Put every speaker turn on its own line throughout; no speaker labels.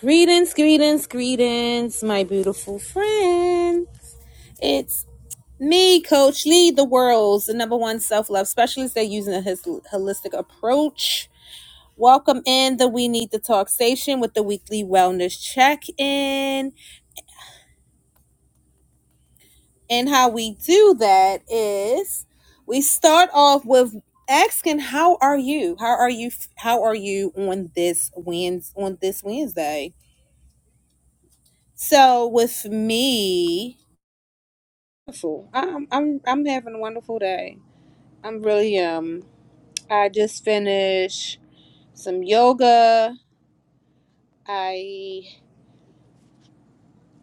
Greetings, greetings, greetings, my beautiful friend. It's me, Coach Lee, the world's the number one self love specialist. They're using a holistic approach. Welcome in the We Need to Talk station with the weekly wellness check in. And how we do that is we start off with asking how are you how are you how are you on this Wednes on this wednesday so with me Wonderful. I'm I'm I'm having a wonderful day. I'm really um I just finished some yoga. I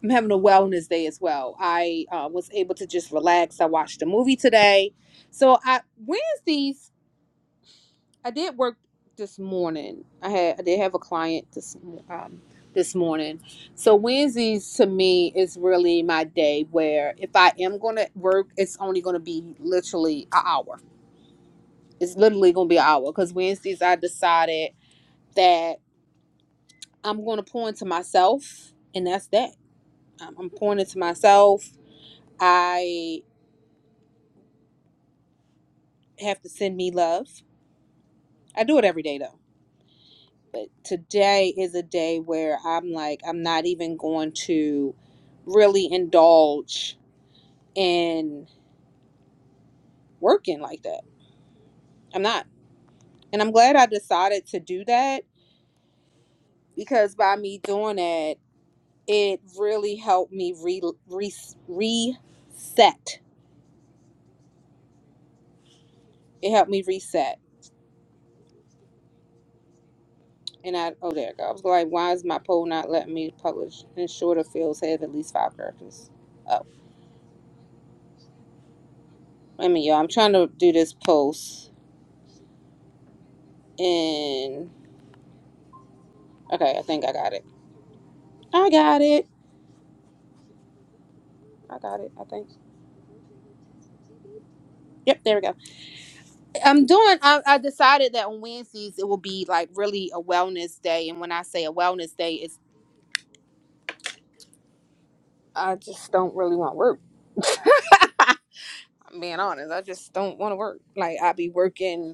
I'm having a wellness day as well. I uh, was able to just relax. I watched a movie today. So I Wednesdays I did work this morning. I had I did have a client this mo- um this morning. So Wednesdays to me is really my day where if I am going to work, it's only going to be literally an hour It's literally gonna be an hour because Wednesdays I decided that I'm gonna pour into myself, and that's that. I'm, I'm pouring into myself. I have to send me love. I do it every day though, but today is a day where I'm like I'm not even going to really indulge in working like that. I'm not, and I'm glad I decided to do that because by me doing that, it really helped me re, re reset It helped me reset. And I, oh, there it go. I was like, why is my poll not letting me publish? And shorter fields have at least five characters. Oh, I mean, y'all, I'm trying to do this post. And, okay, I think I got it. I got it. I got it, I think. Yep, there we go. I'm doing, I, I decided that on Wednesdays it will be like really a wellness day. And when I say a wellness day, it's, I just don't really want work. I'm being honest. I just don't want to work. Like, I be working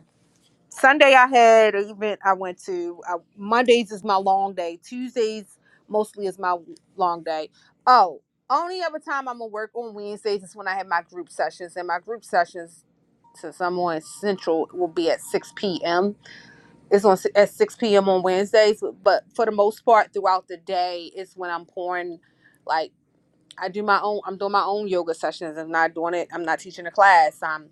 Sunday I had an event I went to. I, Mondays is my long day. Tuesdays mostly is my long day. Oh, only other time I'm gonna work on Wednesdays is when I have my group sessions, and my group sessions, since I'm on Central, will be at 6 p.m. It's on at 6 p.m. on Wednesdays, but for the most part throughout the day is when I'm pouring. Like I do my own. I'm doing my own yoga sessions. I'm not doing it. I'm not teaching a class. I'm.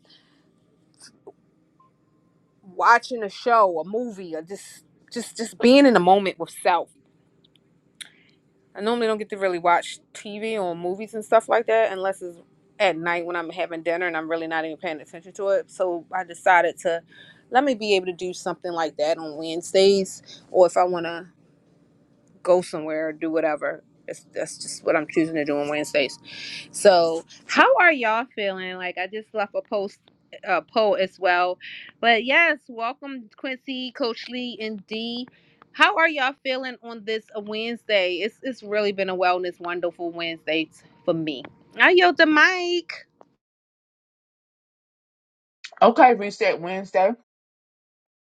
watching a show, a movie, or just just just being in the moment with self. I normally don't get to really watch TV or movies and stuff like that unless it's at night when I'm having dinner and I'm really not even paying attention to it. So I decided to let me be able to do something like that on Wednesdays, or if I want to go somewhere or do whatever. It's, that's just what I'm choosing to do on Wednesdays. So, how are y'all feeling? Like, I just left a post, a poll as well. But yes, welcome Quincy, Coach Lee, and D. How are y'all feeling on this Wednesday? It's it's really been a wellness, wonderful Wednesday t- for me. I yield the mic.
Okay, reset Wednesday.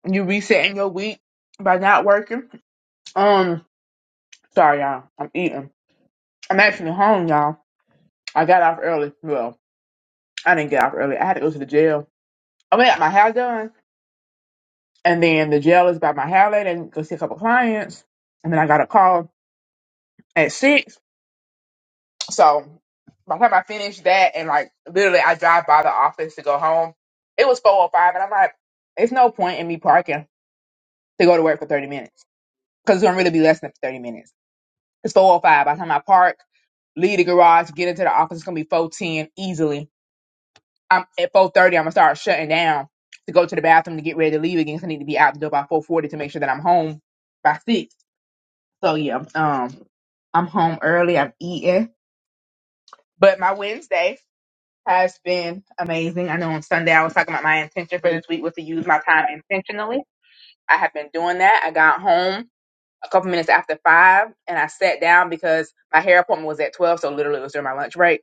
You resetting your week by not working. Um, sorry y'all, I'm eating. I'm actually home, y'all. I got off early. Well, I didn't get off early. I had to go to the jail. I went got my hair done, and then the jail is by my hair lady and go see a couple clients. And then I got a call at six. So by the time I finished that, and like literally, I drive by the office to go home. It was four or five, and I'm like, it's no point in me parking to go to work for thirty minutes because it's gonna really be less than thirty minutes. It's 405. By the time I park, leave the garage, get into the office, it's gonna be 410 easily. I'm at 430, I'm gonna start shutting down to go to the bathroom to get ready to leave again. 'cause I need to be out the door by 440 to make sure that I'm home by six. So yeah, um I'm home early, I'm eating. But my Wednesday has been amazing. I know on Sunday I was talking about my intention for this week was to use my time intentionally. I have been doing that. I got home a couple minutes after five and I sat down because my hair appointment was at 12, so literally it was during my lunch break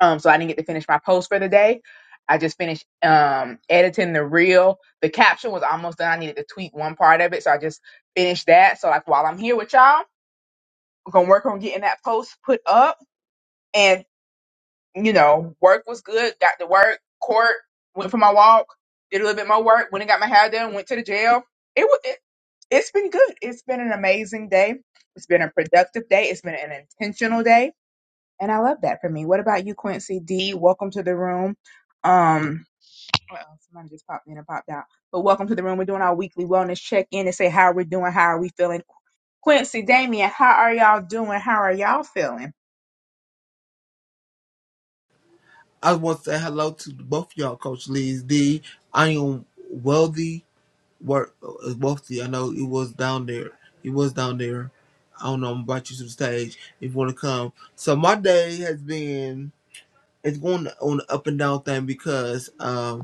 Um, so I didn't get to finish my post for the day. I just finished um editing the reel. The caption was almost done. I needed to tweak one part of it, so I just finished that. So like while I'm here with y'all, I'm gonna work on getting that post put up. And you know, work was good. Got to work. Court went for my walk. Did a little bit more work. Went and got my hair done. Went to the jail. It was. It, it's been good. It's been an amazing day. It's been a productive day. It's been an intentional day and I love that for me. What about you, Quincy D? Welcome to the room. Um, uh-oh, somebody just popped in and popped out. But welcome to the room. We're doing our weekly wellness check in and say how we're doing, how are we feeling. Quincy, Damien, how are y'all doing? How are y'all feeling?
I want to say hello to both y'all, Coach Lee's D. I am wealthy, work uh, wealthy. I know it was down there. It was down there. I don't know. I'm about you to the stage if you want to come. So my day has been it's going on an up and down thing because um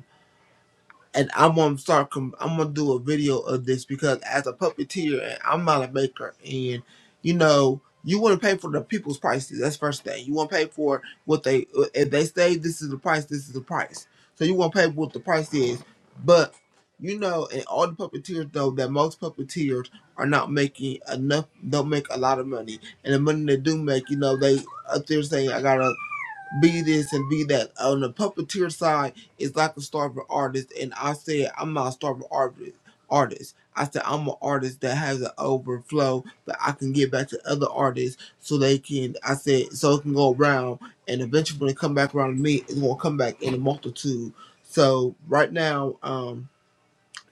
and I'm gonna start. Com- I'm gonna do a video of this because as a puppeteer, and I'm not a maker, and you know, you want to pay for the people's prices. That's first thing. You want to pay for what they uh, if they say this is the price, this is the price. So you want to pay what the price is, but you know, and all the puppeteers though that most puppeteers are not making enough. Don't make a lot of money, and the money they do make, you know, they up there saying I gotta be this and be that. On the puppeteer side, it's like a starving artist, and I said I'm not a starving artist. Artist, I said I'm an artist that has an overflow, but I can give back to other artists so they can. I said so it can go around, and eventually when it come back around to me, it's gonna come back in a multitude. So right now, um,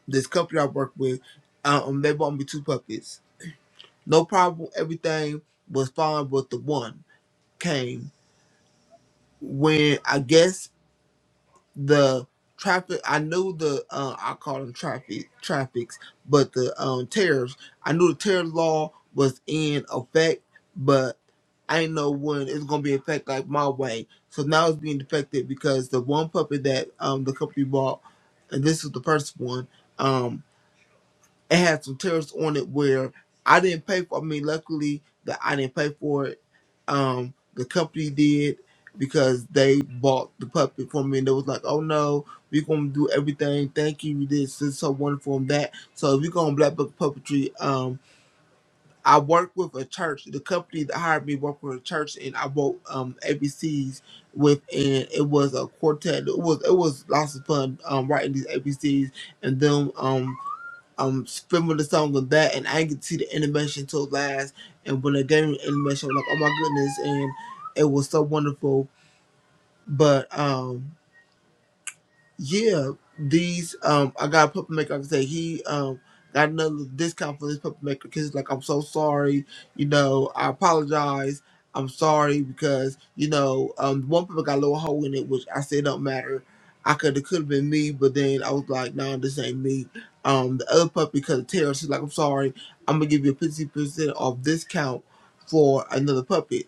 this company I work with, um, they bought me two puppets. No problem, everything was fine, but the one came when I guess the traffic i knew the uh, i call them traffic traffics but the um tariffs i knew the tariff law was in effect but i didn't know when it was going to be in effect like my way so now it's being defected because the one puppet that um the company bought and this was the first one Um, it had some tears on it where I didn't pay for. I mean, luckily that I didn't pay for it. Um, the company did because they bought the puppet for me, and they was like, "Oh no, we're gonna do everything. Thank you. You did so so wonderful and that." So we go on Black Book Puppetry. Um, I work with a church. The company that hired me worked with a church, and I wrote um ABCs with, and it was a quartet. It was it was lots of fun um writing these ABCs and them um um spinning the song with that, and I didn't get to see the animation until last. And when I gave me the animation, I was like, oh my goodness, and it was so wonderful. But um. Yeah, these um, I got a puppet maker. Like I say he um got another discount for this puppet maker because like I'm so sorry, you know, I apologize. I'm sorry because you know um one puppet got a little hole in it, which I said don't matter. I could it could have been me, but then I was like, no, this ain't me. Um, the other puppy because of Tara, she's like, I'm sorry, I'm gonna give you a fifty percent off discount for another puppet.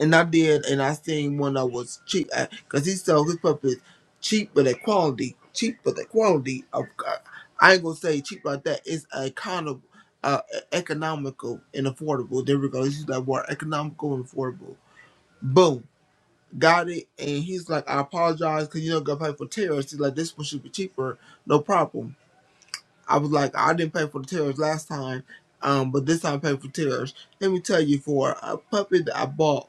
And I did, and I seen one that was cheap because he sold his puppets cheap but at quality, cheap but at quality. Of, uh, I ain't gonna say cheap like that. It's a kind of uh, e-, economical and affordable. There we go. This is that word, economical and affordable. Boom, got it. And he's like, I apologize because you don't gotta pay for tariffs. He's like, this one should be cheaper, no problem. I was like, I didn't pay for the tariffs last time, um, but this time I paid for tariffs. Let me tell you, for a puppet that I bought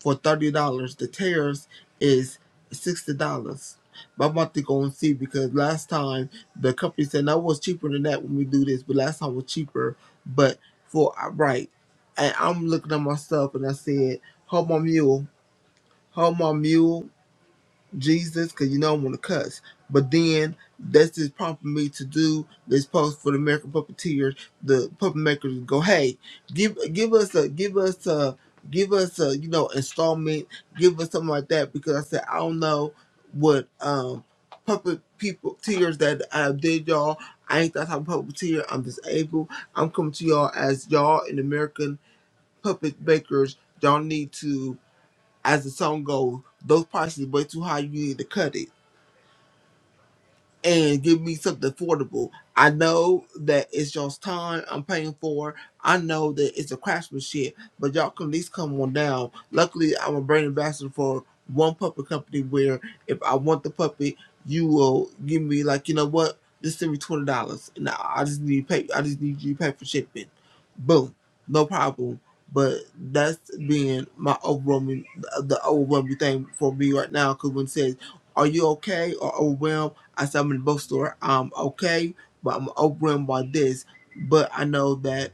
for thirty dollars. The tears is sixty dollars. But I'm about to go and see because last time the company said that was cheaper than that when we do this, but last time was cheaper. But for uh, right, and I'm looking at myself and I said, "Hold my mule, hold my mule." Jesus because you know I want to cuss. But then that's just prompting me to do this post for the American puppeteers, the puppet makers. Go, hey, give give us a give us a give us a you know installment, give us something like that because I said I don't know what um puppet people tears that I did y'all. I ain't that type of puppeteer. I'm disabled. I'm coming to y'all as y'all in American puppet makers. Y'all need to as the song goes, those prices way too high. You need to cut it and give me something affordable. I know that it's y'all's time I'm paying for. I know that it's a craftsmanship, but y'all can at least come on down. Luckily, I'm a brand ambassador for one puppet company where if I want the puppet, you will give me like, you know what? Just send me twenty dollars, and I I just need to pay. I just need you to pay for shipping. Boom, no problem. But that's being my overwhelming, the overwhelming thing for me right now. Because when it says, "Are you okay?" or "Overwhelmed?" I said I'm in the bookstore. Um, okay, but I'm overwhelmed by this. But I know that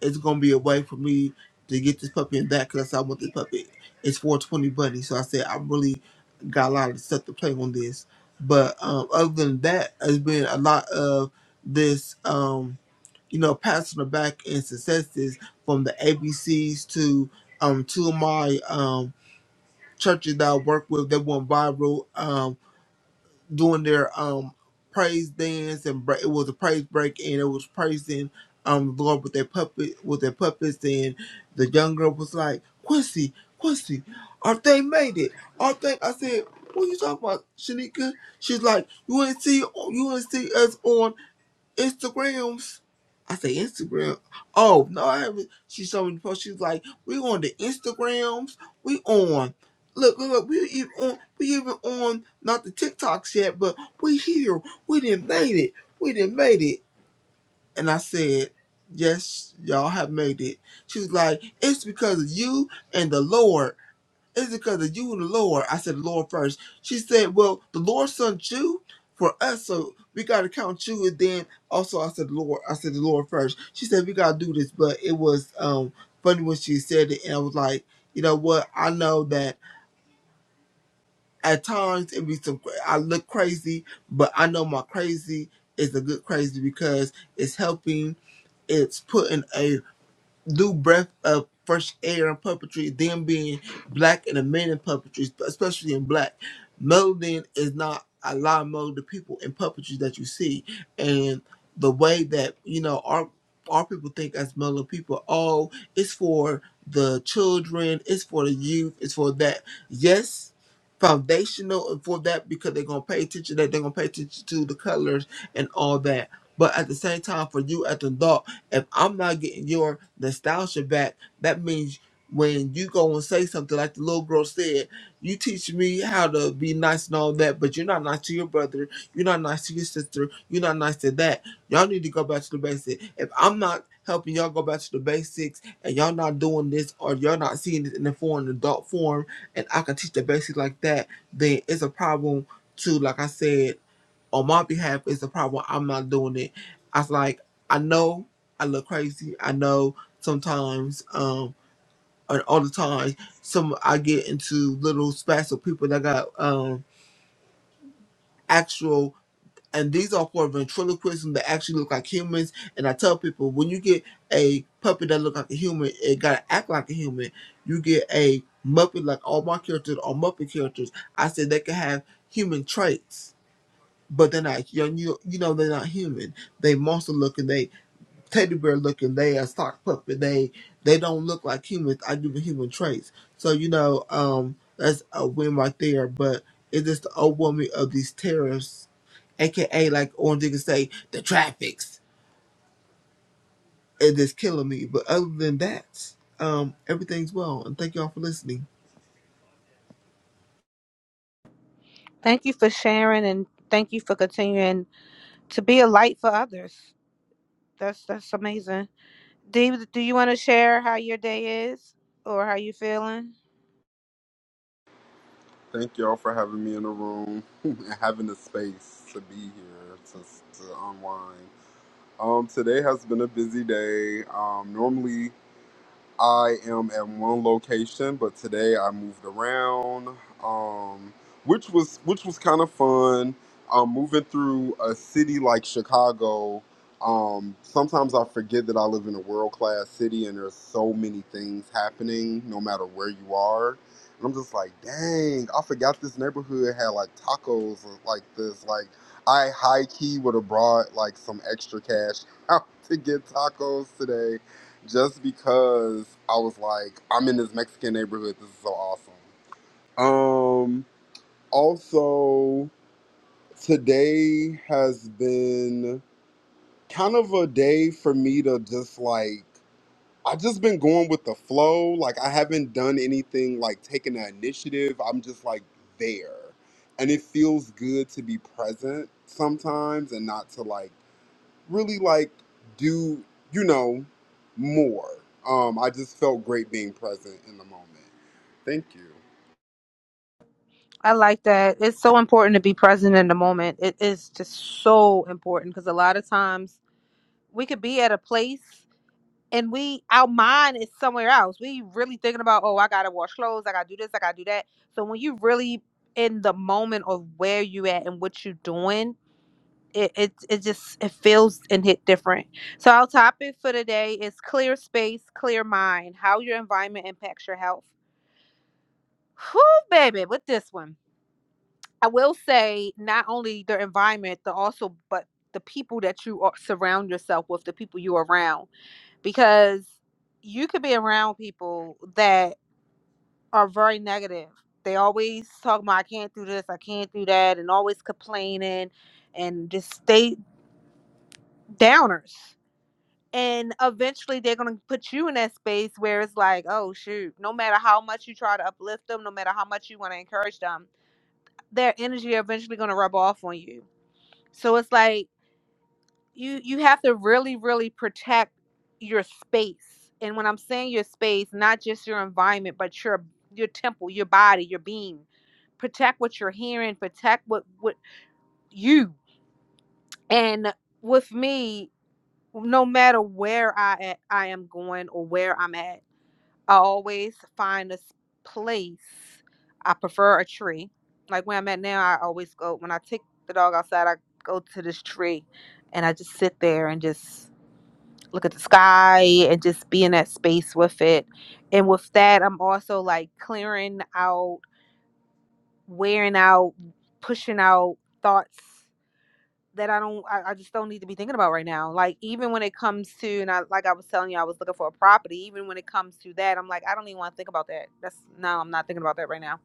it's gonna be a way for me to get this puppy and that because I want this puppy. It's 420 buddy, so I said I really got a lot of stuff to play on this. But um, other than that, it has been a lot of this, um, you know, pats on the back and successes from the ABCs to um, two of my um, churches that I work with that went viral. Um, doing their um praise dance and break, it was a praise break and it was praising um the Lord with their puppet with their puppets and the young girl was like Quincy Quincy our thing made it our thing I said what you talking about Shanika she's like you ain't see you ain't see us on Instagrams. I say Instagram. Oh no, I haven't. She showed me the post. She was like, "We on the Instagrams. We on. Look, look, look. We even on. We even on. Not the TikToks yet, but we here. We didn't made it. We didn't made it." And I said, "Yes, y'all have made it." She was like, "It's because of you and the Lord." It's because of you and the Lord. I said, Lord first. She said, Well, the Lord sent you for us, so we got to count you. And then also, I said, Lord, I said, the Lord first. She said, We got to do this. But it was um funny when she said it. And I was like, You know what? I know that at times it be some, I look crazy, but I know my crazy is a good crazy because it's helping, it's putting a do breath of fresh air and puppetry, then being black and a man in puppetry, especially in black. Melody is not a lot of mode the people in puppetry that you see. And the way that, you know, our our people think as mellow people, oh, it's for the children, it's for the youth, it's for that. Yes, foundational and for that because they're gonna pay attention that they're gonna pay attention to the colors and all that. But at the same time for you as an adult if I'm not getting your nostalgia back, that means when you go and say something like the little girl said, you teach me how to be nice and all that, but you're not nice to your brother, you're not nice to your sister, you're not nice to that. Y'all need to go back to the basics. If I'm not helping y'all go back to the basics and y'all not doing this or y'all not seeing this in the form adult form and I can teach the basics like that, then it's a problem too, like I said on my behalf is the problem. I'm not doing it. I was like, I know I look crazy. I know sometimes, um, and all the time, some I get into little spats with people that got um actual, and these are for ventriloquism that actually look like humans. And I tell people when you get a puppet that look like a human, it gotta act like a human. You get a Muppet like all my characters are Muppet characters. I said they can have human traits but they're not young. You you know they're not human. They monster looking. They teddy bear looking. They a sock puppet. They they don't look like humans. I give them human traits. So you know um that's a win right there. But it's just the overwhelming of these tariffs, aka like Orange Digger say the traffics. It is killing me. But other than that, um everything's well. And thank y'all for listening.
Thank you for sharing and thank you for continuing to be a light for others. That's that's amazing. Dee, do you want to share how your day is or how you feeling?
Thank y'all for having me in the room and having the space to be here to, to unwind. Um, today has been a busy day. Um, normally I am at one location, but today I moved around, um, which was which was kind of fun. Um, moving through a city like Chicago, um, sometimes I forget that I live in a world class city, and there's so many things happening, no matter where you are. And I'm just like, dang, I forgot this neighborhood had like tacos like this. Like, I high key would have brought like some extra cash out to get tacos today just because I was like, I'm in this Mexican neighborhood. This is so awesome. Um, also, today has been kind of a day for me to just like, I've just been going with the flow. Like, I haven't done anything like taking an initiative. I'm just like there. And it feels good to be present sometimes and not to like really like do you know more. Um, I just felt great being present in the moment. Thank you.
I like that. It's so important to be present in the moment. It is just so important because a lot of times we could be at a place and we our mind is somewhere else. We really thinking about, oh, I gotta wash clothes, I gotta do this, I gotta do that. So when you really in the moment of where you at and what you doing, it it, it just it feels and hit different. So our topic for today is clear space, clear mind, how your environment impacts your health. Whew, baby, with this one. I will say not only their environment, but also but the people that you are, surround yourself with, the people you are around, because you could be around people that are very negative. They always talk about I can't do this, I can't do that, and always complaining, and just stay downers. And eventually, they're gonna put you in that space where it's like, oh shoot, no matter how much you try to uplift them, no matter how much you want to encourage them, their energy are eventually gonna rub off on you. So it's like you you have to really really protect your space and when i'm saying your space not just your environment but your your temple your body your being protect what you're hearing protect what what you and with me no matter where i at, i am going or where i'm at i always find a s- place i prefer a tree like where i'm at now i always go when i take the dog outside i go to this tree and i just sit there and just look at the sky and just be in that space with it. And with that, I'm also like clearing out, wearing out, pushing out thoughts that I don't, I, I just don't need to be thinking about right now. Like, even when it comes to, and I, like I was telling you, I was looking for a property. Even when it comes to that, I'm like, I don't even want to think about that. That's no, I'm not thinking about that right now.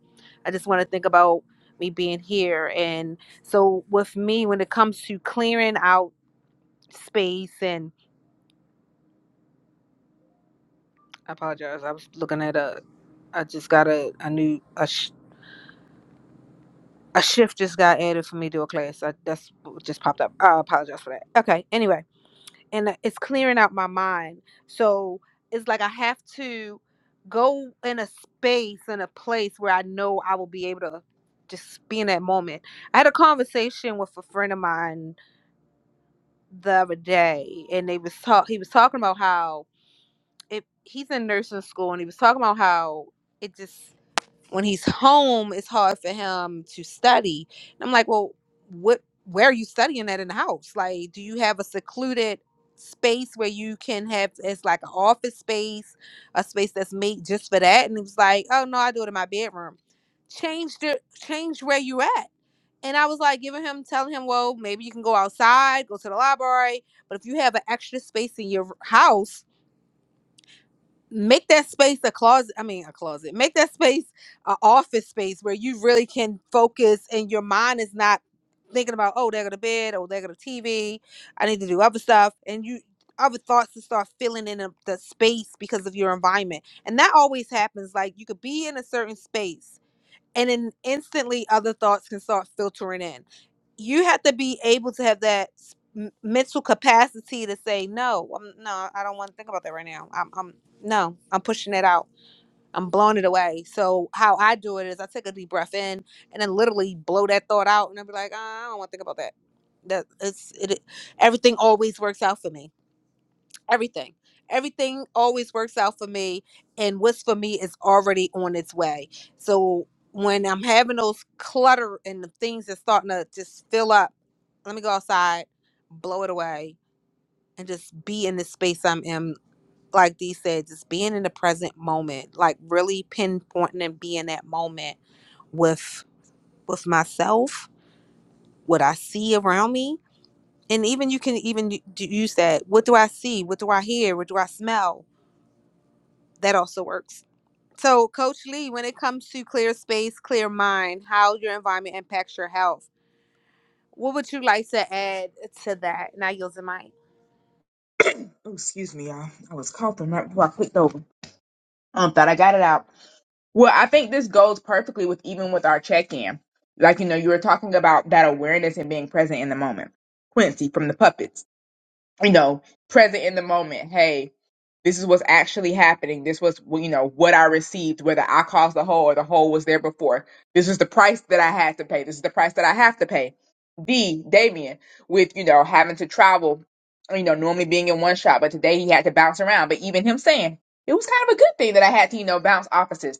I just want to think about me being here. And so, with me, when it comes to clearing out space and. I apologize. I was looking at a. I just got a a new a, sh- a shift just got added for me to a class. I, that's what just popped up. I apologize for that. Okay. Anyway, and uh, it's clearing out my mind. So it's like I have to go in a space in a place where I know I will be able to just be in that moment. I had a conversation with a friend of mine the other day, and they was talk. He was talking about how it. He's in nursing school, and he was talking about how it just when he's home, it's hard for him to study. And I'm like, well, what? Where are you studying at in the house? Like, do you have a secluded space where you can have it's like an office space, a space that's made just for that? And he was like, oh no, I do it in my bedroom. Change the change where you at. And I was like giving him, telling him, well, maybe you can go outside, go to the library, but if you have an extra space in your house make that space a closet i mean a closet make that space a office space where you really can focus and your mind is not thinking about oh there go to bed oh there go to tv i need to do other stuff and you other thoughts to start filling in the the space because of your environment and that always happens like you could be in a certain space and then instantly other thoughts can start filtering in. You have to be able to have that s- m- mental capacity to say no. I'm, no, I don't want to think about that right now. I'm, I'm no, I'm pushing it out. I'm blowing it away. So how I do it is I take a deep breath in and then literally blow that thought out, and I'll be like, "Ah, I don't want to think about that. That it's it. it- Everything always works out for me everything everything always works out for me and what's for me is already on its way so when i'm having those clutter and the things that's starting to just fill up let me go outside blow it away and just be in the space i'm in like dee said just being in the present moment like really pinpointing and being that moment with with myself what i see around me and even you can even u- d- use that what do i see what do i hear what do i smell that also works So, Coach Lee, when it comes to clear space, clear mind, how your environment impacts your health, what would you like to add to that? Now, yield the mic.
Oh, excuse me, y'all. I was coughing right before I clicked over. Um, thought I got it out. Well, I think this goes perfectly with even with our check in. Like you know, you were talking about that awareness and being present in the moment. Quincy from the puppets. you know, present in the moment. Hey, this is what's actually happening. This was, you know, what I received, whether I caused the hole or the hole was there before. This is the price that I had to pay. This is the price that I have to pay. D, Damien, with, you know, having to travel, you know, normally being in one shop, but today he had to bounce around. But even him saying, it was kind of a good thing that I had to, you know, bounce offices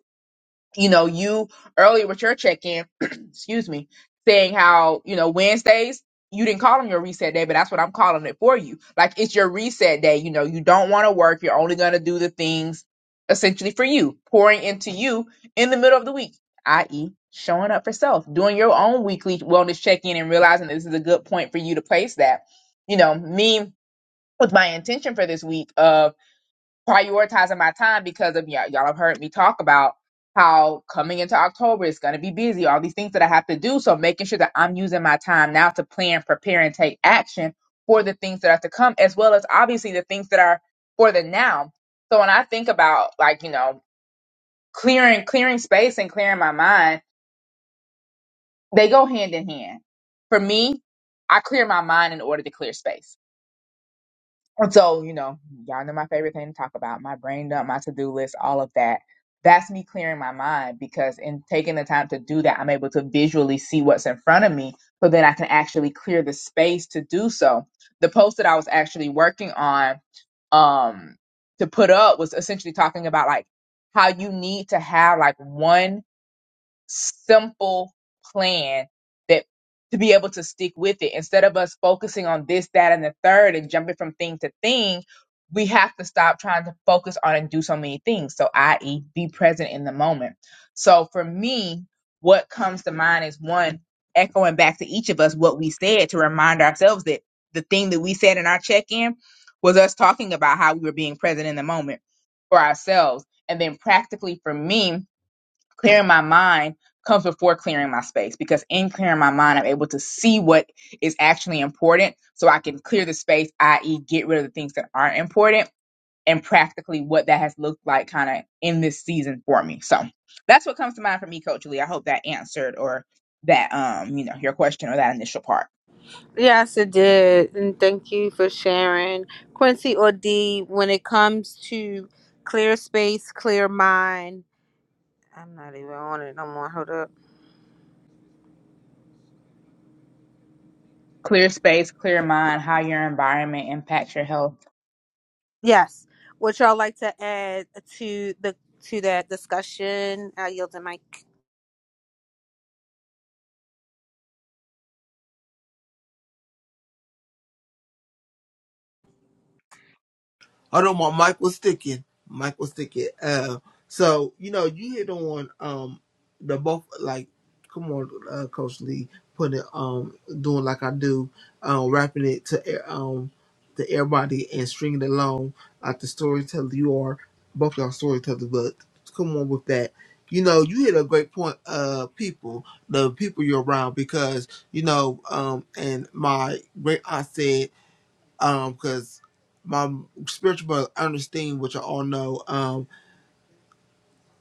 you know, you earlier with your check in, excuse me, saying how, you know, Wednesdays, you didn't call them your reset day, but that's what I'm calling it for you. Like it's your reset day. You know, you don't want to work. You're only going to do the things essentially for you, pouring into you in the middle of the week, i.e., showing up for self, doing your own weekly wellness check in and realizing this is a good point for you to place that. You know, me with my intention for this week of prioritizing my time because of y'all. Y'all have heard me talk about how coming into October it's going to be busy, all these things that I have to do. So making sure that I'm using my time now to plan, prepare, and take action for the things that are to come, as well as obviously the things that are for the now. So when I think about like you know clearing clearing space and clearing my mind, they go hand in hand. For me, I clear my mind in order to clear space And so, you know, y'all know my favorite thing to talk about my brain dump, my to do list, all of that. That's me clearing my mind because in taking the time to do that, I'm able to visually see what's in front of me so then I can actually clear the space to do so. The post that I was actually working on um, to put up was essentially talking about like how you need to have like one simple plan that to be able to stick with it instead of us focusing on this that and the third and jumping from thing to thing we have to stop trying to focus on and do so many things so i.e be present in the moment so for me what comes to mind is one echoing back to each of us what we said to remind ourselves that the thing that we said in our check-in was us talking about how we were being present in the moment for ourselves and then practically for me clearing my mind comes before clearing my space because in clearing my mind i'm able to see what is actually important so i can clear the space i.e get rid of the things that aren't important and practically what that has looked like kind of in this season for me so that's what comes to mind for me coach lee i hope that answered or that um you know your question or that initial part
Yes, it did. And thank you for sharing. Quincy or D, when it comes to clear space, clear mind, I'm not even on it no more. Hold up.
clear space clear mind how your environment impacts your health
Yes. What y'all like to add to the to that discussion? I yield the mic.
I don't want Mike was sticking. Mike was sticking. Uh, so you know, you hit on um the both like, come on, uh, Coach Lee, putting it, um doing like I do, um wrapping it to air- um to everybody and stringing it along like the storyteller you are, both y'all storytellers, but come on with that. You know, you hit a great point. Uh, people, the people you're around, because you know, um, and my great aunt said um because my spiritual brother Ernestine, which I all know, um,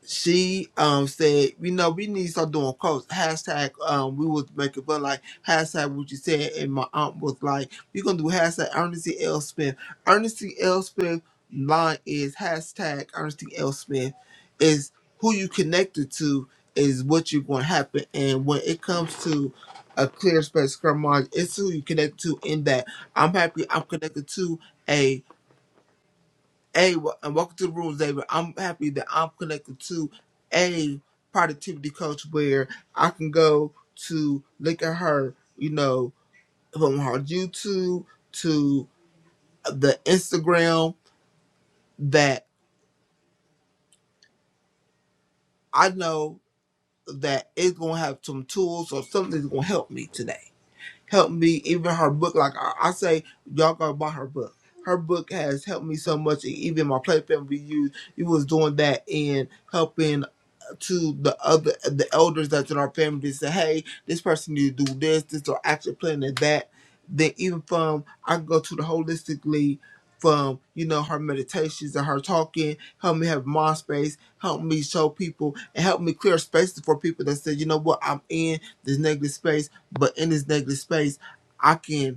she um said, you know, we need to start doing quotes. Hashtag um we would make it but like hashtag what you said and my aunt was like, We're gonna do hashtag Ernestine L Smith. Ernestine L Smith line is hashtag Ernestine L Smith is who you connected to is what you're gonna happen and when it comes to a clear space scrum it's who you connect to in that I'm happy I'm connected to Hey, and welcome to the rules, David. I'm happy that I'm connected to a productivity coach where I can go to look at her, you know, from her YouTube to the Instagram that I know that it's gonna have some tools or something that's gonna help me today. Help me, even her book. Like I, I say, y'all gotta buy her book. Her book has helped me so much. Even my platform we use, it was doing that and helping. to the other the elders that's in our family to say, hey, this person need to do this, this or action plan and that. Then even from I can go to the holistically from, you know, her meditations and her talking, help me have mind space, help me show people and help me clear spaces for people that say, you know what, I'm in this negative space, but in this negative space I can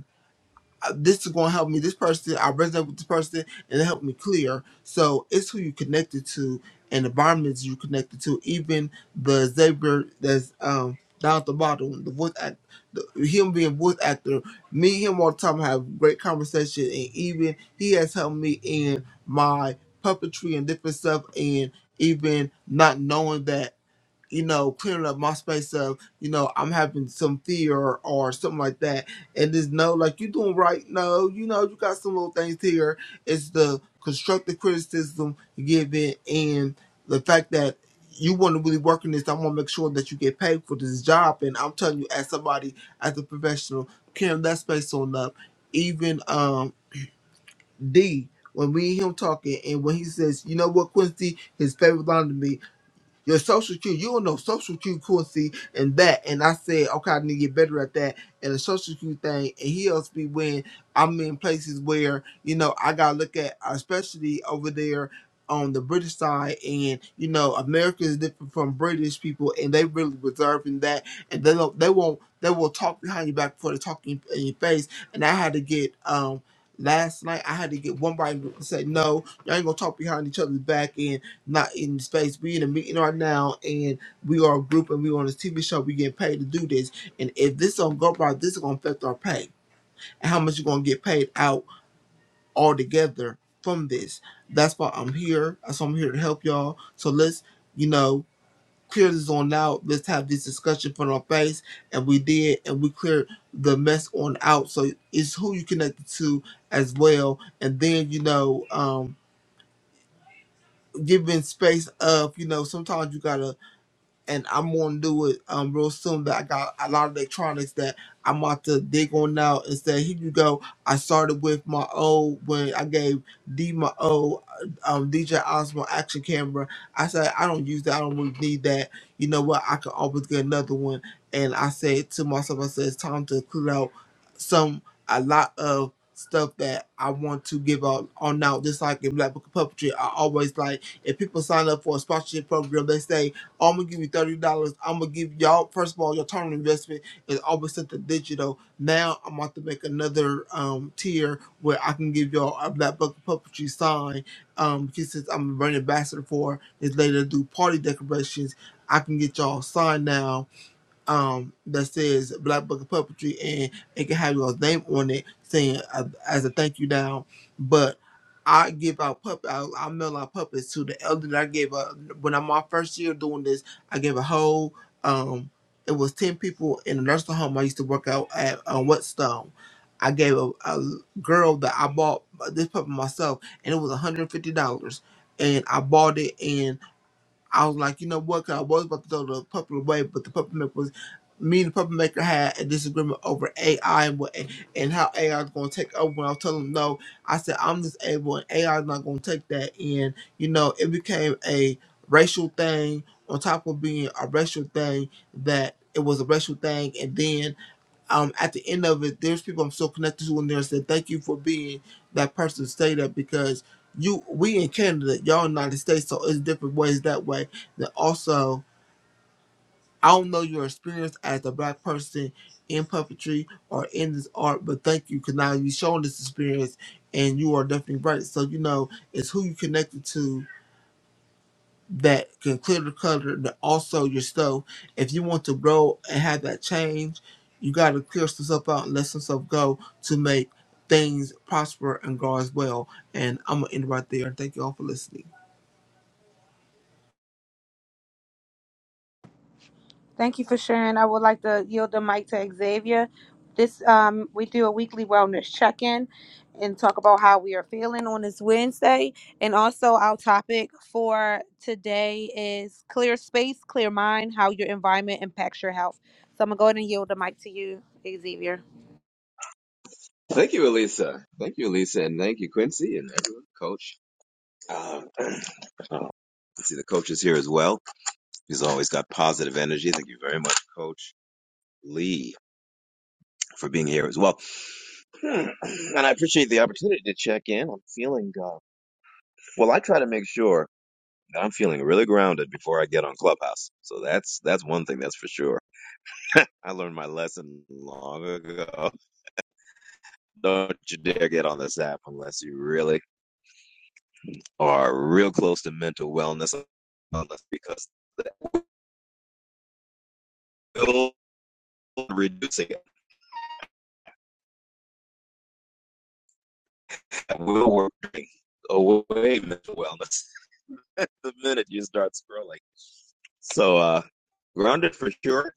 uh, this is going to help me. This person, I resonate with this person, and it helped me clear. So it's who you connected to and the environments you connected to. Even the Xavier that's um, down at the bottom, the voice act, the, him being voice actor, me and him all the time have great conversation, and even he has helped me in my puppetry and different stuff, and even not knowing that you know, clearing up my space of, you know, I'm having some fear or, or something like that. And just know, like, you doing right. No, you know, you got some little things here. It's the constructive criticism you give it and the fact that you want to really work in this. I want to make sure that you get paid for this job. And I'm telling you, as somebody, as a professional, clearing that space on up. Even um D, when we and him talking and when he says, you know what, Quincy, his favorite line to me, your social cue, you don't know social cue fluency and that. And I said, okay, I need to get better at that. And the social cue thing, and he helps me when I'm in places where, you know, I gotta look at especially over there on the British side and you know, America is different from British people and they really reserve in that and they don't they won't they will talk behind your back before they talk in, in your face. And I had to get um last night I had to get one right and say no, y'all ain't gonna talk behind each other's back And not in space. We in a meeting right now, and we are a group, and we on this TV show. We getting paid to do this, and if this don't go right, this is gonna affect our pay and how much you're gonna get paid out altogether from this. That's why I'm here. That's why I'm here to help y'all. So let's, you know, clear this on out. Let's have this discussion put on face, and we did, and we cleared the mess on out. So it's who you connected to as well, and then you know, um, giving space of, you know, sometimes you gotta and I'm gonna do it um real soon. But I got a lot of electronics that I'm about to dig on now and say, here you go. I started with my old when I gave D my old um DJ Osmo action camera. I said I don't use that. I don't really need that. You know what? I can always get another one. And I said to myself, I said it's time to clear out some a lot of stuff that I want to give out on now. Just like in Black Book of Puppetry, I always like if people sign up for a sponsorship program, they say I'm gonna give you thirty dollars. I'm gonna give y'all first of all your term investment is always set to digital. Now I'm about to make another um tier where I can give y'all a black book puppetry sign. Um, she says I'm a brand ambassador for this lady that do party decorations. I can get y'all signed now um that says Black Book of Puppetry, and it can have your name on it, saying uh, as a thank you down. But I give out puppet, I, I mail out puppets to the elderly. I gave a when I'm my first year doing this. I gave a whole um, it was ten people in a nursing home I used to work out at on Whetstone. I gave a, a girl that I bought this puppet myself, and it was $150, and I bought it, I was like, you know what? 'cause I was about to throw the puppet away, but the puppet maker was me and the puppet maker had a disagreement over AI and what and how AI is going to take over. When I was telling him no, I said I'm disabled and AI is not going to take that. And you know, it became a racial thing on top of being a racial thing that it was a racial thing, and then um, at the end of it, there's people I'm so connected to in there said, thank you for being that person to say that because you, we in Canada, y'all in the United States, so it's different ways that way. That also, I don't know your experience as a black person in puppetry or in this art, but thank you because now you've shown this experience and you are definitely right. So, you know, it's who you connected to that can clear the clutter, but also your stove. If you want to grow and have that change, you got to clear some stuff out and let some stuff go to make things prosper and grow as well. And I'm gonna end right there. Thank you all for listening.
Thank you for sharing. I would like to yield the mic to Xavier. This um, we do a weekly wellness check-in and talk about how we are feeling on this Wednesday. And also our topic for today is clear space, clear mind, how your environment impacts your health. So I'm gonna go ahead and yield the mic to you, Xavier.
Thank you, Elisa. Thank you, Elisa, and thank you, Quincy, and everyone, Coach. Um, I see the coaches here as well. He's always got positive energy. Thank you very much, Coach Lee, for being here as well. Hmm. And I appreciate the opportunity to check in. I'm feeling uh, well. I try to make sure that I'm feeling really grounded before I get on Clubhouse. So that's that's one thing that's for sure. I learned my lesson long ago. Don't you dare get on this app unless you really are real close to mental wellness because that will reducing it, that will work away mental wellness the minute you start scrolling. So uh grounded for sure.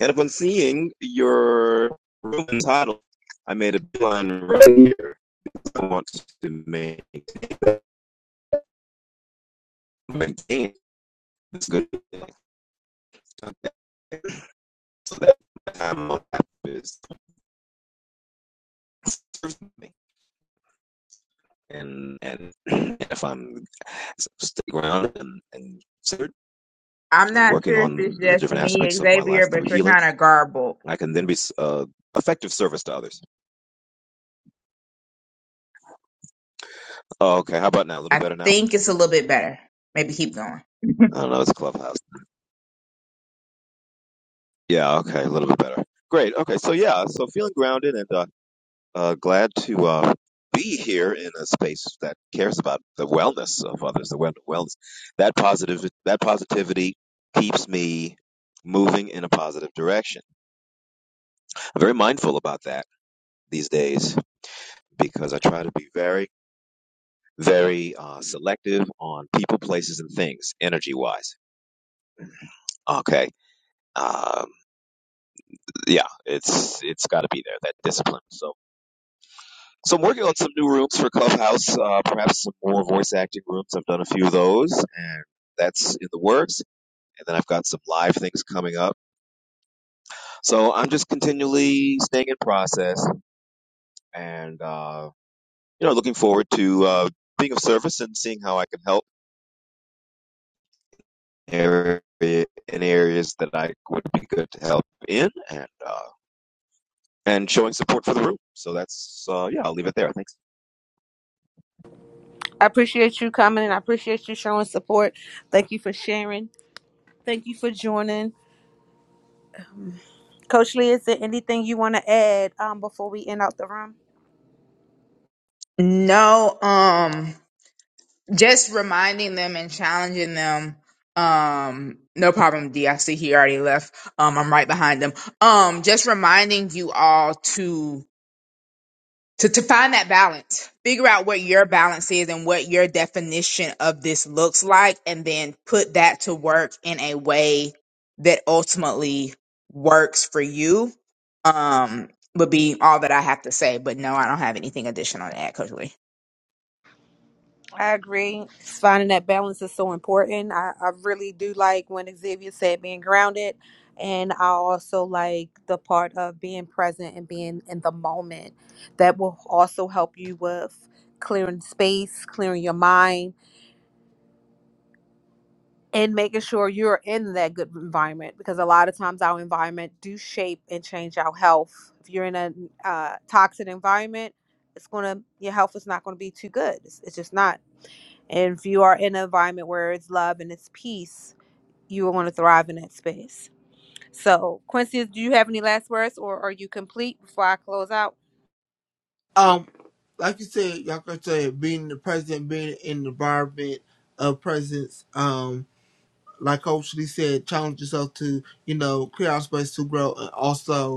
And upon seeing your room and title, I made a plan right here. I want to maintain this good so that time is serves me. and and if I'm stay grounded and, and
i'm
and
not
working
sure if
on
it's
the
just
different
me
aspects of my life
xavier
through
but you're
healing,
kind of garbled
I can then be uh, effective service to others. Oh, okay. How about now? A little
I
better now?
think it's a little bit better. Maybe keep going.
I don't know. It's Clubhouse. Yeah. Okay. A little bit better. Great. Okay. So yeah. So feeling grounded and uh, uh, glad to uh, be here in a space that cares about the wellness of others, the well- wellness. That positive that positivity keeps me moving in a positive direction. I'm very mindful about that these days because I try to be very, very uh, selective on people, places, and things, energy wise. Okay. Um, yeah, it's it's got to be there that discipline. So so I'm working on some new rooms for Clubhouse, uh, perhaps some more voice acting rooms. I've done a few of those, and that's in the works. And then I've got some live things coming up. So I'm just continually staying in process, and uh, you know, looking forward to uh, being of service and seeing how I can help area in areas that I would be good to help in and uh, and showing support for the room. So that's uh, yeah, I'll leave it there. Thanks.
I appreciate you coming and I appreciate you showing support. Thank you for sharing. Thank you for joining. Coach Lee, is there anything you want to add um, before we end out the room?
No, um, just reminding them and challenging them. Um, no problem, D. I see he already left. Um, I'm right behind them. Um, just reminding you all to to, to find that balance figure out what your balance is and what your definition of this looks like and then put that to work in a way that ultimately works for you um would be all that i have to say but no i don't have anything additional to add coach lee
I agree. It's Finding that balance is so important. I, I really do like when Xavier said being grounded. And I also like the part of being present and being in the moment. That will also help you with clearing space, clearing your mind, and making sure you're in that good environment. Because a lot of times our environment do shape and change our health. If you're in a uh, toxic environment, it's gonna your health is not gonna be too good. It's, it's just not. And if you are in an environment where it's love and it's peace, you will want to thrive in that space. So, Quincy, do you have any last words or are you complete before I close out?
Um, like you said, y'all can say being the president, being in the environment of presence. Um, like Coach Lee said, challenge yourself to you know create our space to grow and also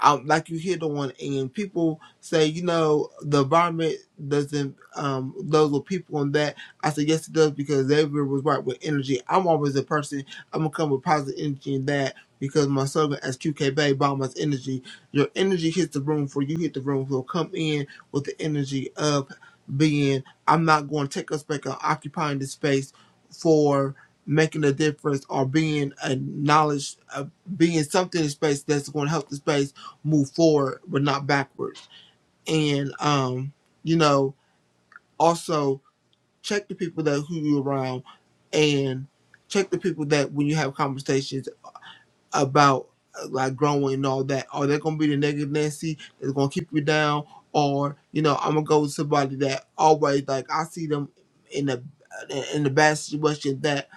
um, like you hear the one and people say, you know, the environment doesn't um those with people and that. I said yes it does because Xavier was right with energy. I'm always a person I'm gonna come with positive energy in that because my slogan as QK Bay Bomber's energy. Your energy hits the room for you hit the room. So come in with the energy of being I'm not going to take us back on occupying the space for making a difference or being a knowledge, uh, being something in space that's going to help the space move forward but not backwards and um you know also check the people that who you around and check the people that when you have conversations about uh, like growing and all that are they gonna be the negative nancy that's gonna keep you down or you know i'm gonna go with somebody that always like i see them in the in the bad situation that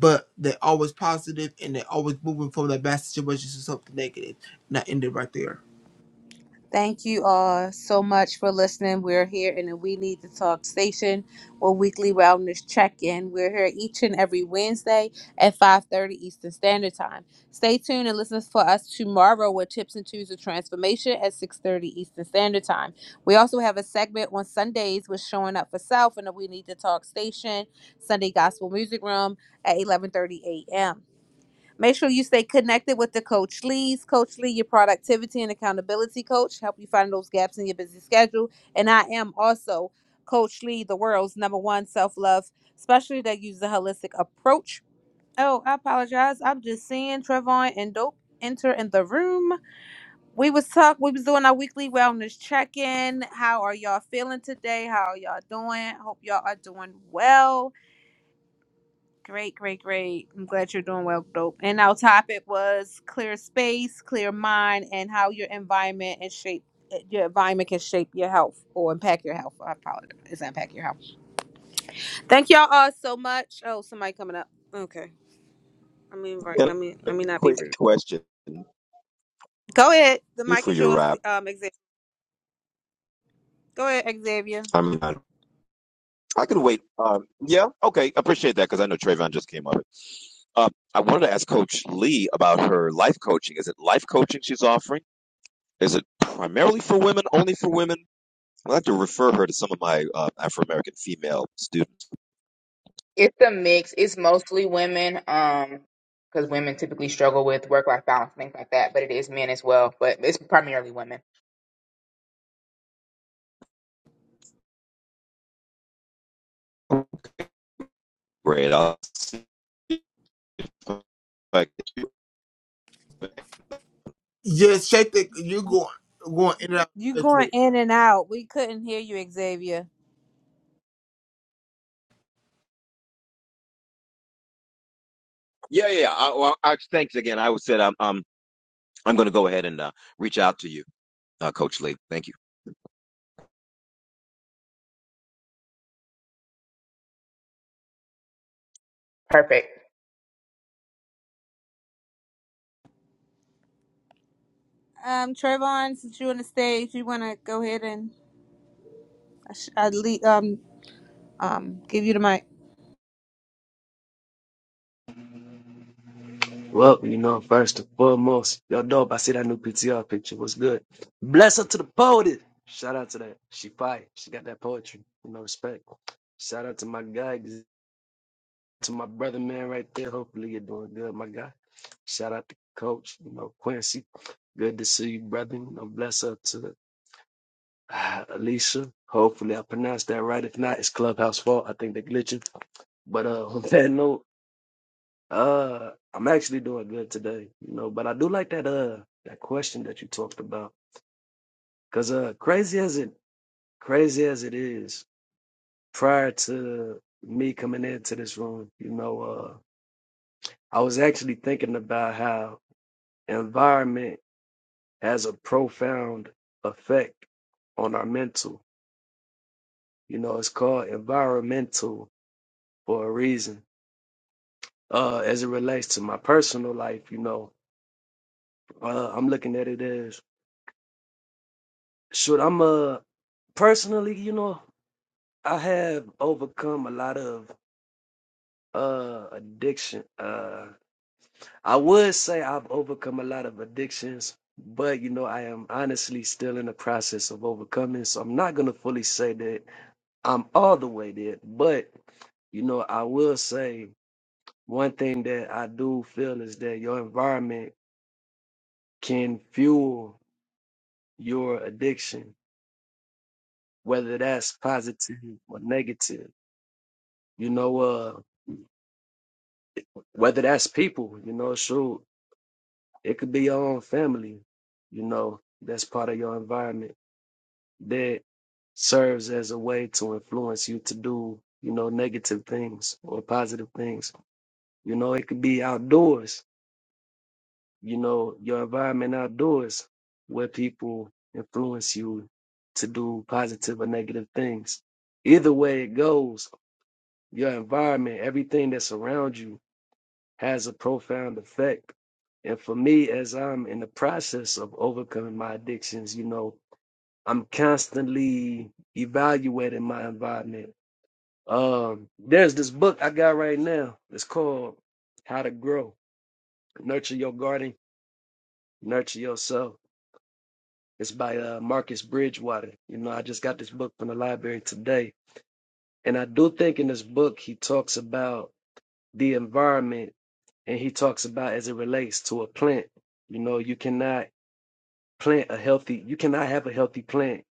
but they're always positive and they're always moving from that bad situation to something negative and i end it right there
Thank you all so much for listening. We're here in the We Need to Talk station or weekly wellness check-in. We're here each and every Wednesday at 5:30 Eastern Standard Time. Stay tuned and listen for us tomorrow with Tips and Tools of Transformation at 6:30 Eastern Standard Time. We also have a segment on Sundays with Showing Up for Self in the We Need to Talk station, Sunday Gospel Music Room at 11:30 a.m. Make sure you stay connected with the Coach Lee's. Coach Lee, your productivity and accountability coach, help you find those gaps in your busy schedule. And I am also Coach Lee, the world's number one self love specialty that uses a holistic approach. Oh, I apologize. I'm just seeing Trevon and Dope enter in the room. We was talk. We was doing our weekly wellness check in. How are y'all feeling today? How are y'all doing? Hope y'all are doing well. Great, great, great. I'm glad you're doing well, dope. And our topic was clear space, clear mind, and how your environment and shape your environment can shape your health or impact your health. I apologize, impact your health. Thank y'all all so much. Oh, somebody coming up. Okay, let me invite.
And
Let me
a
let me not be
quick
rude.
question
Go ahead. The mic
before
is
you
yours.
wrap.
Um, Xavier. Go ahead, Xavier.
I'm not, I can wait. Um, yeah, okay, appreciate that because I know Trayvon just came up. Uh, I wanted to ask Coach Lee about her life coaching. Is it life coaching she's offering? Is it primarily for women, only for women? I like to refer her to some of my uh, Afro American female students.
it's a mix it's mostly women um because women typically struggle with work-life balance things like that but it is men as well but it's primarily women
Great. I'll, like, yeah,
Yes, Shay, think you going going in and
You
out.
going in and out. We couldn't hear you, Xavier.
yeah. yeah. I, well, I, thanks again. I would said I'm I'm I'm going to go ahead and uh, reach out to you, uh, Coach Lee. Thank you.
perfect
Um, Trayvon, since you're on the stage, you want to go ahead and I sh- I le- um um give you the mic.
Well, you know, first and foremost, y'all know if I see that new PTR picture, what's good? Bless her to the poet. Shout out to that. She fire. She got that poetry. You know, respect. Shout out to my guy, to my brother man right there. Hopefully you're doing good, my guy. Shout out to Coach, you know, Quincy. Good to see you, brother. You know, bless up to uh, Alicia. Hopefully I pronounced that right. If not, it's Clubhouse fault. I think they're glitching. But uh, on that note, Uh, I'm actually doing good today, you know, but I do like that uh that question that you talked about. 'Cause uh crazy as it crazy as it is, prior to me coming into this room, you know, uh I was actually thinking about how environment has a profound effect on our mental. You know, it's called environmental for a reason. Uh, as it relates to my personal life, you know, uh, I'm looking at it as Shoot, I'm a personally, you know, I have overcome a lot of uh addiction. Uh I would say I've overcome a lot of addictions, but you know, I am honestly still in the process of overcoming. So I'm not gonna fully say that I'm all the way there, but you know, I will say one thing that I do feel is that your environment can fuel your addiction, whether that's positive or negative. You know, uh. whether that's people, you know, shoot, it could be your own family, you know, that's part of your environment that serves as a way to influence you to do, you know, negative things or positive things. You know, it could be outdoors, you know, your environment outdoors where people influence you to do positive or negative things. Either way it goes, your environment, everything that's around you has a profound effect. And for me, as I'm in the process of overcoming my addictions, you know, I'm constantly evaluating my environment. Um, there's this book I got right now. It's called How to Grow, Nurture Your Garden, Nurture Yourself. It's by uh, Marcus Bridgewater. You know, I just got this book from the library today. And I do think in this book, he talks about the environment and he talks about as it relates to a plant. You know, you cannot plant a healthy you cannot have a healthy plant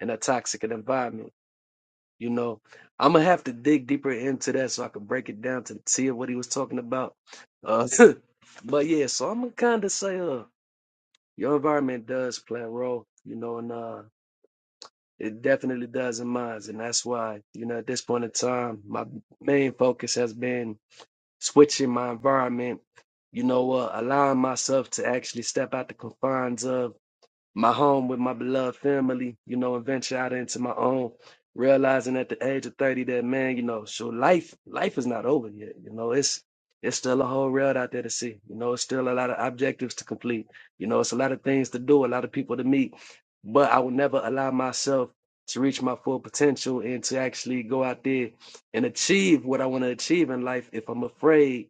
in a toxic environment you know i'm gonna have to dig deeper into that so i can break it down to see what he was talking about uh but yeah so i'm gonna kind of say uh your environment does play a role you know and uh it definitely does in mine and that's why you know at this point in time my main focus has been switching my environment you know uh allowing myself to actually step out the confines of my home with my beloved family, you know, and venture out into my own, realizing at the age of 30 that man, you know, so life, life is not over yet. You know, it's it's still a whole road out there to see. You know, it's still a lot of objectives to complete. You know, it's a lot of things to do, a lot of people to meet. But I will never allow myself to reach my full potential and to actually go out there and achieve what I want to achieve in life if I'm afraid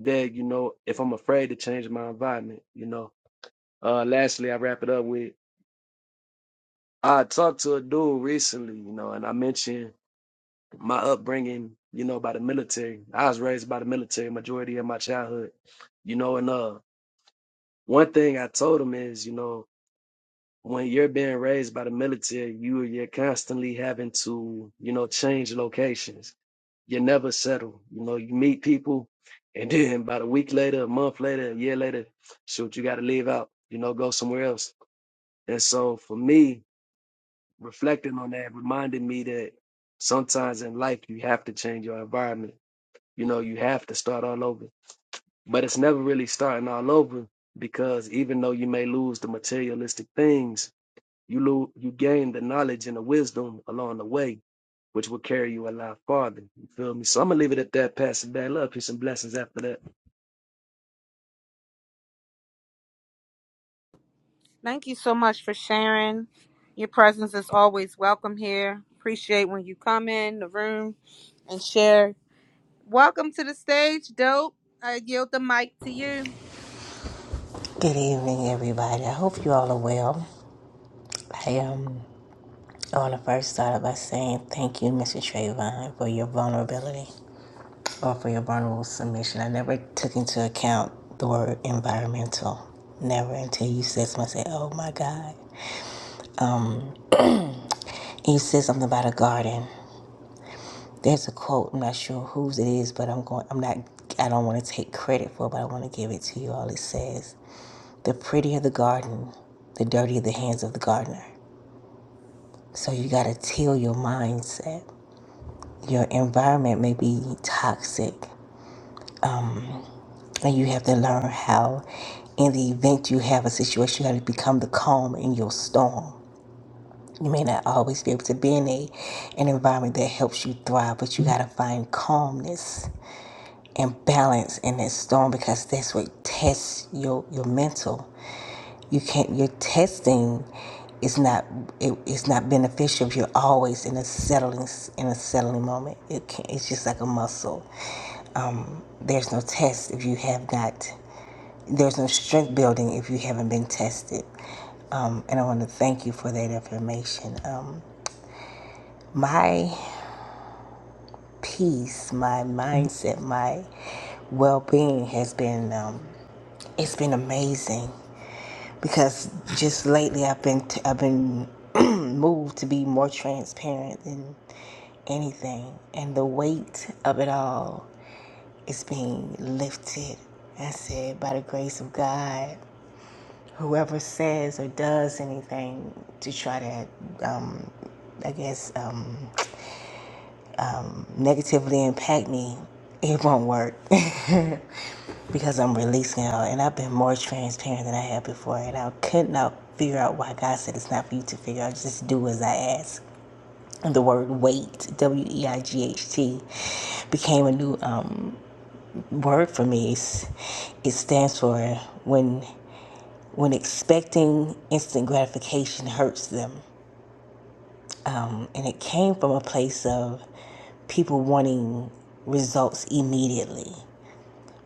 that, you know, if I'm afraid to change my environment, you know. Uh lastly I wrap it up with I talked to a dude recently, you know, and I mentioned my upbringing, you know, by the military. I was raised by the military majority of my childhood, you know, and uh, one thing I told him is, you know, when you're being raised by the military, you you're constantly having to, you know, change locations. You never settle. You know, you meet people, and then about a week later, a month later, a year later, shoot, you got to leave out. You know, go somewhere else. And so for me, reflecting on that reminded me that sometimes in life you have to change your environment. You know, you have to start all over. But it's never really starting all over because even though you may lose the materialistic things, you lose, you gain the knowledge and the wisdom along the way, which will carry you a lot farther. You feel me? So I'm gonna leave it at that, Pastor Dale. Love, peace, and blessings after that.
Thank you so much for sharing. Your presence is always welcome here. Appreciate when you come in the room and share. Welcome to the stage, dope. I yield the mic to you.
Good evening, everybody. I hope you all are well. I um, I want to first start by saying thank you, Mr. Trayvon, for your vulnerability or for your vulnerable submission. I never took into account the word environmental. Never until you said something. I said, "Oh my God!" And you said something about a garden. There's a quote. I'm not sure whose it is, but I'm going. I'm not. I don't want to take credit for, it, but I want to give it to you. All it says: the prettier the garden, the dirtier the hands of the gardener. So you got to till your mindset. your environment may be toxic and you have to learn how in the event you have a situation you have to become the calm in your storm you may not always be able to be in a an environment that helps you thrive but you got to find calmness and balance in that storm because that's what tests your your mental you can't your testing is not it, it's not beneficial if you're always in a settling in a settling moment it can, not it's just like a muscle Um, there's no test if you have not, there's no strength building if you haven't been tested. Um, and I want to thank you for that information. Um, my peace, my mindset, my well-being has been, um, it's been amazing because just lately I've been, t- I've been moved to be more transparent than anything. And the weight of it all is being lifted. I said, by the grace of God. whoever says or does anything to try to, um, I guess, um, negatively impact me, it won't work because I'm releasing it all. And I've been more transparent than I have before. And I could not figure out why God said it's not for you to figure out. Just do as I ask. And the word "weight" W E I G H T, became a new um, word for me. It's, it stands for when when expecting instant gratification hurts them. And it came from a place of people wanting results immediately.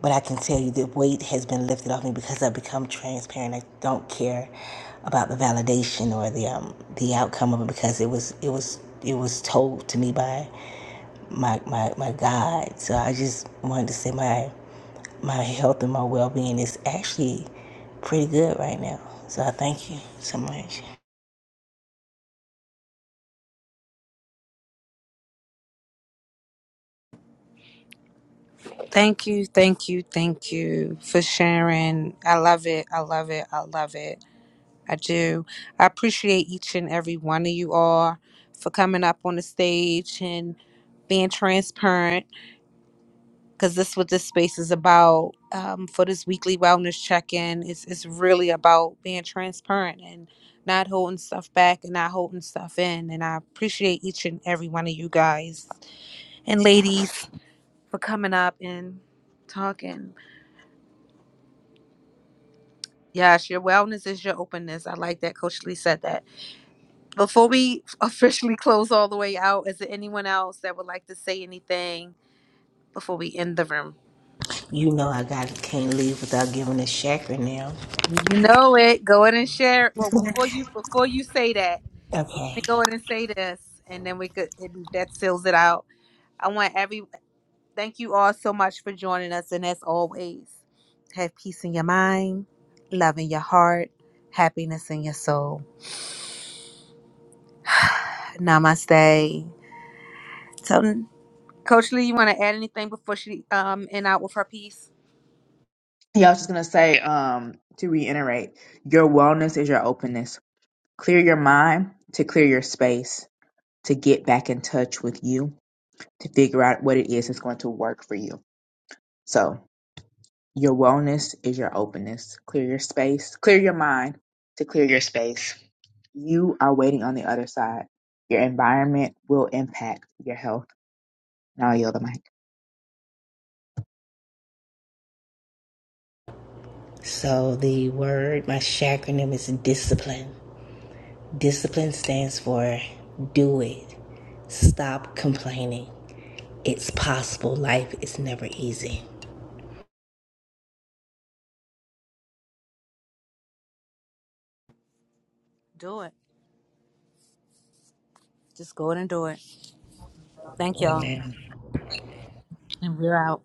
But I can tell you the weight has been lifted off me because I've become transparent. I don't care about the validation or the um, the outcome of it because it was it was it was told to me by my, my my God. So I just wanted to say my my health and my well being is actually pretty good right now. So I thank you so much.
Thank you, thank you, thank you for sharing. I love it. I love it. I love it. I do. I appreciate each and every one of you all for coming up on the stage and being transparent because this what this space is about um, for this weekly wellness check-in it's, it's really about being transparent and not holding stuff back and not holding stuff in and i appreciate each and every one of you guys and ladies for coming up and talking yes your wellness is your openness i like that coach lee said that Before we officially close all the way out, is there anyone else that would like to say anything before we end the room?
You know I got can't leave without giving a chakra now.
You know it. Go ahead and share. Well, before you before you say that, let
Okay.
me go ahead and say this, and then we could and that seals it out. I want every thank you all so much for joining us, and as always, have peace in your mind, love in your heart, happiness in your soul. Namaste. So, Coach Lee, you want to add anything before she um end out with her piece?
Yeah, I was just gonna say, um, to reiterate, your wellness is your openness. Clear your mind to clear your space to get back in touch with you to figure out what it is that's going to work for you. So your wellness is your openness. Clear your space, clear your mind to clear your space. You are waiting on the other side. Your environment will impact your health. Now I yield the mic.
So the word, my acronym is discipline. Discipline stands for do it. Stop complaining. It's possible. Life is never easy.
Do it. Just go ahead and do it. Thank y'all.
Amen.
And we're out.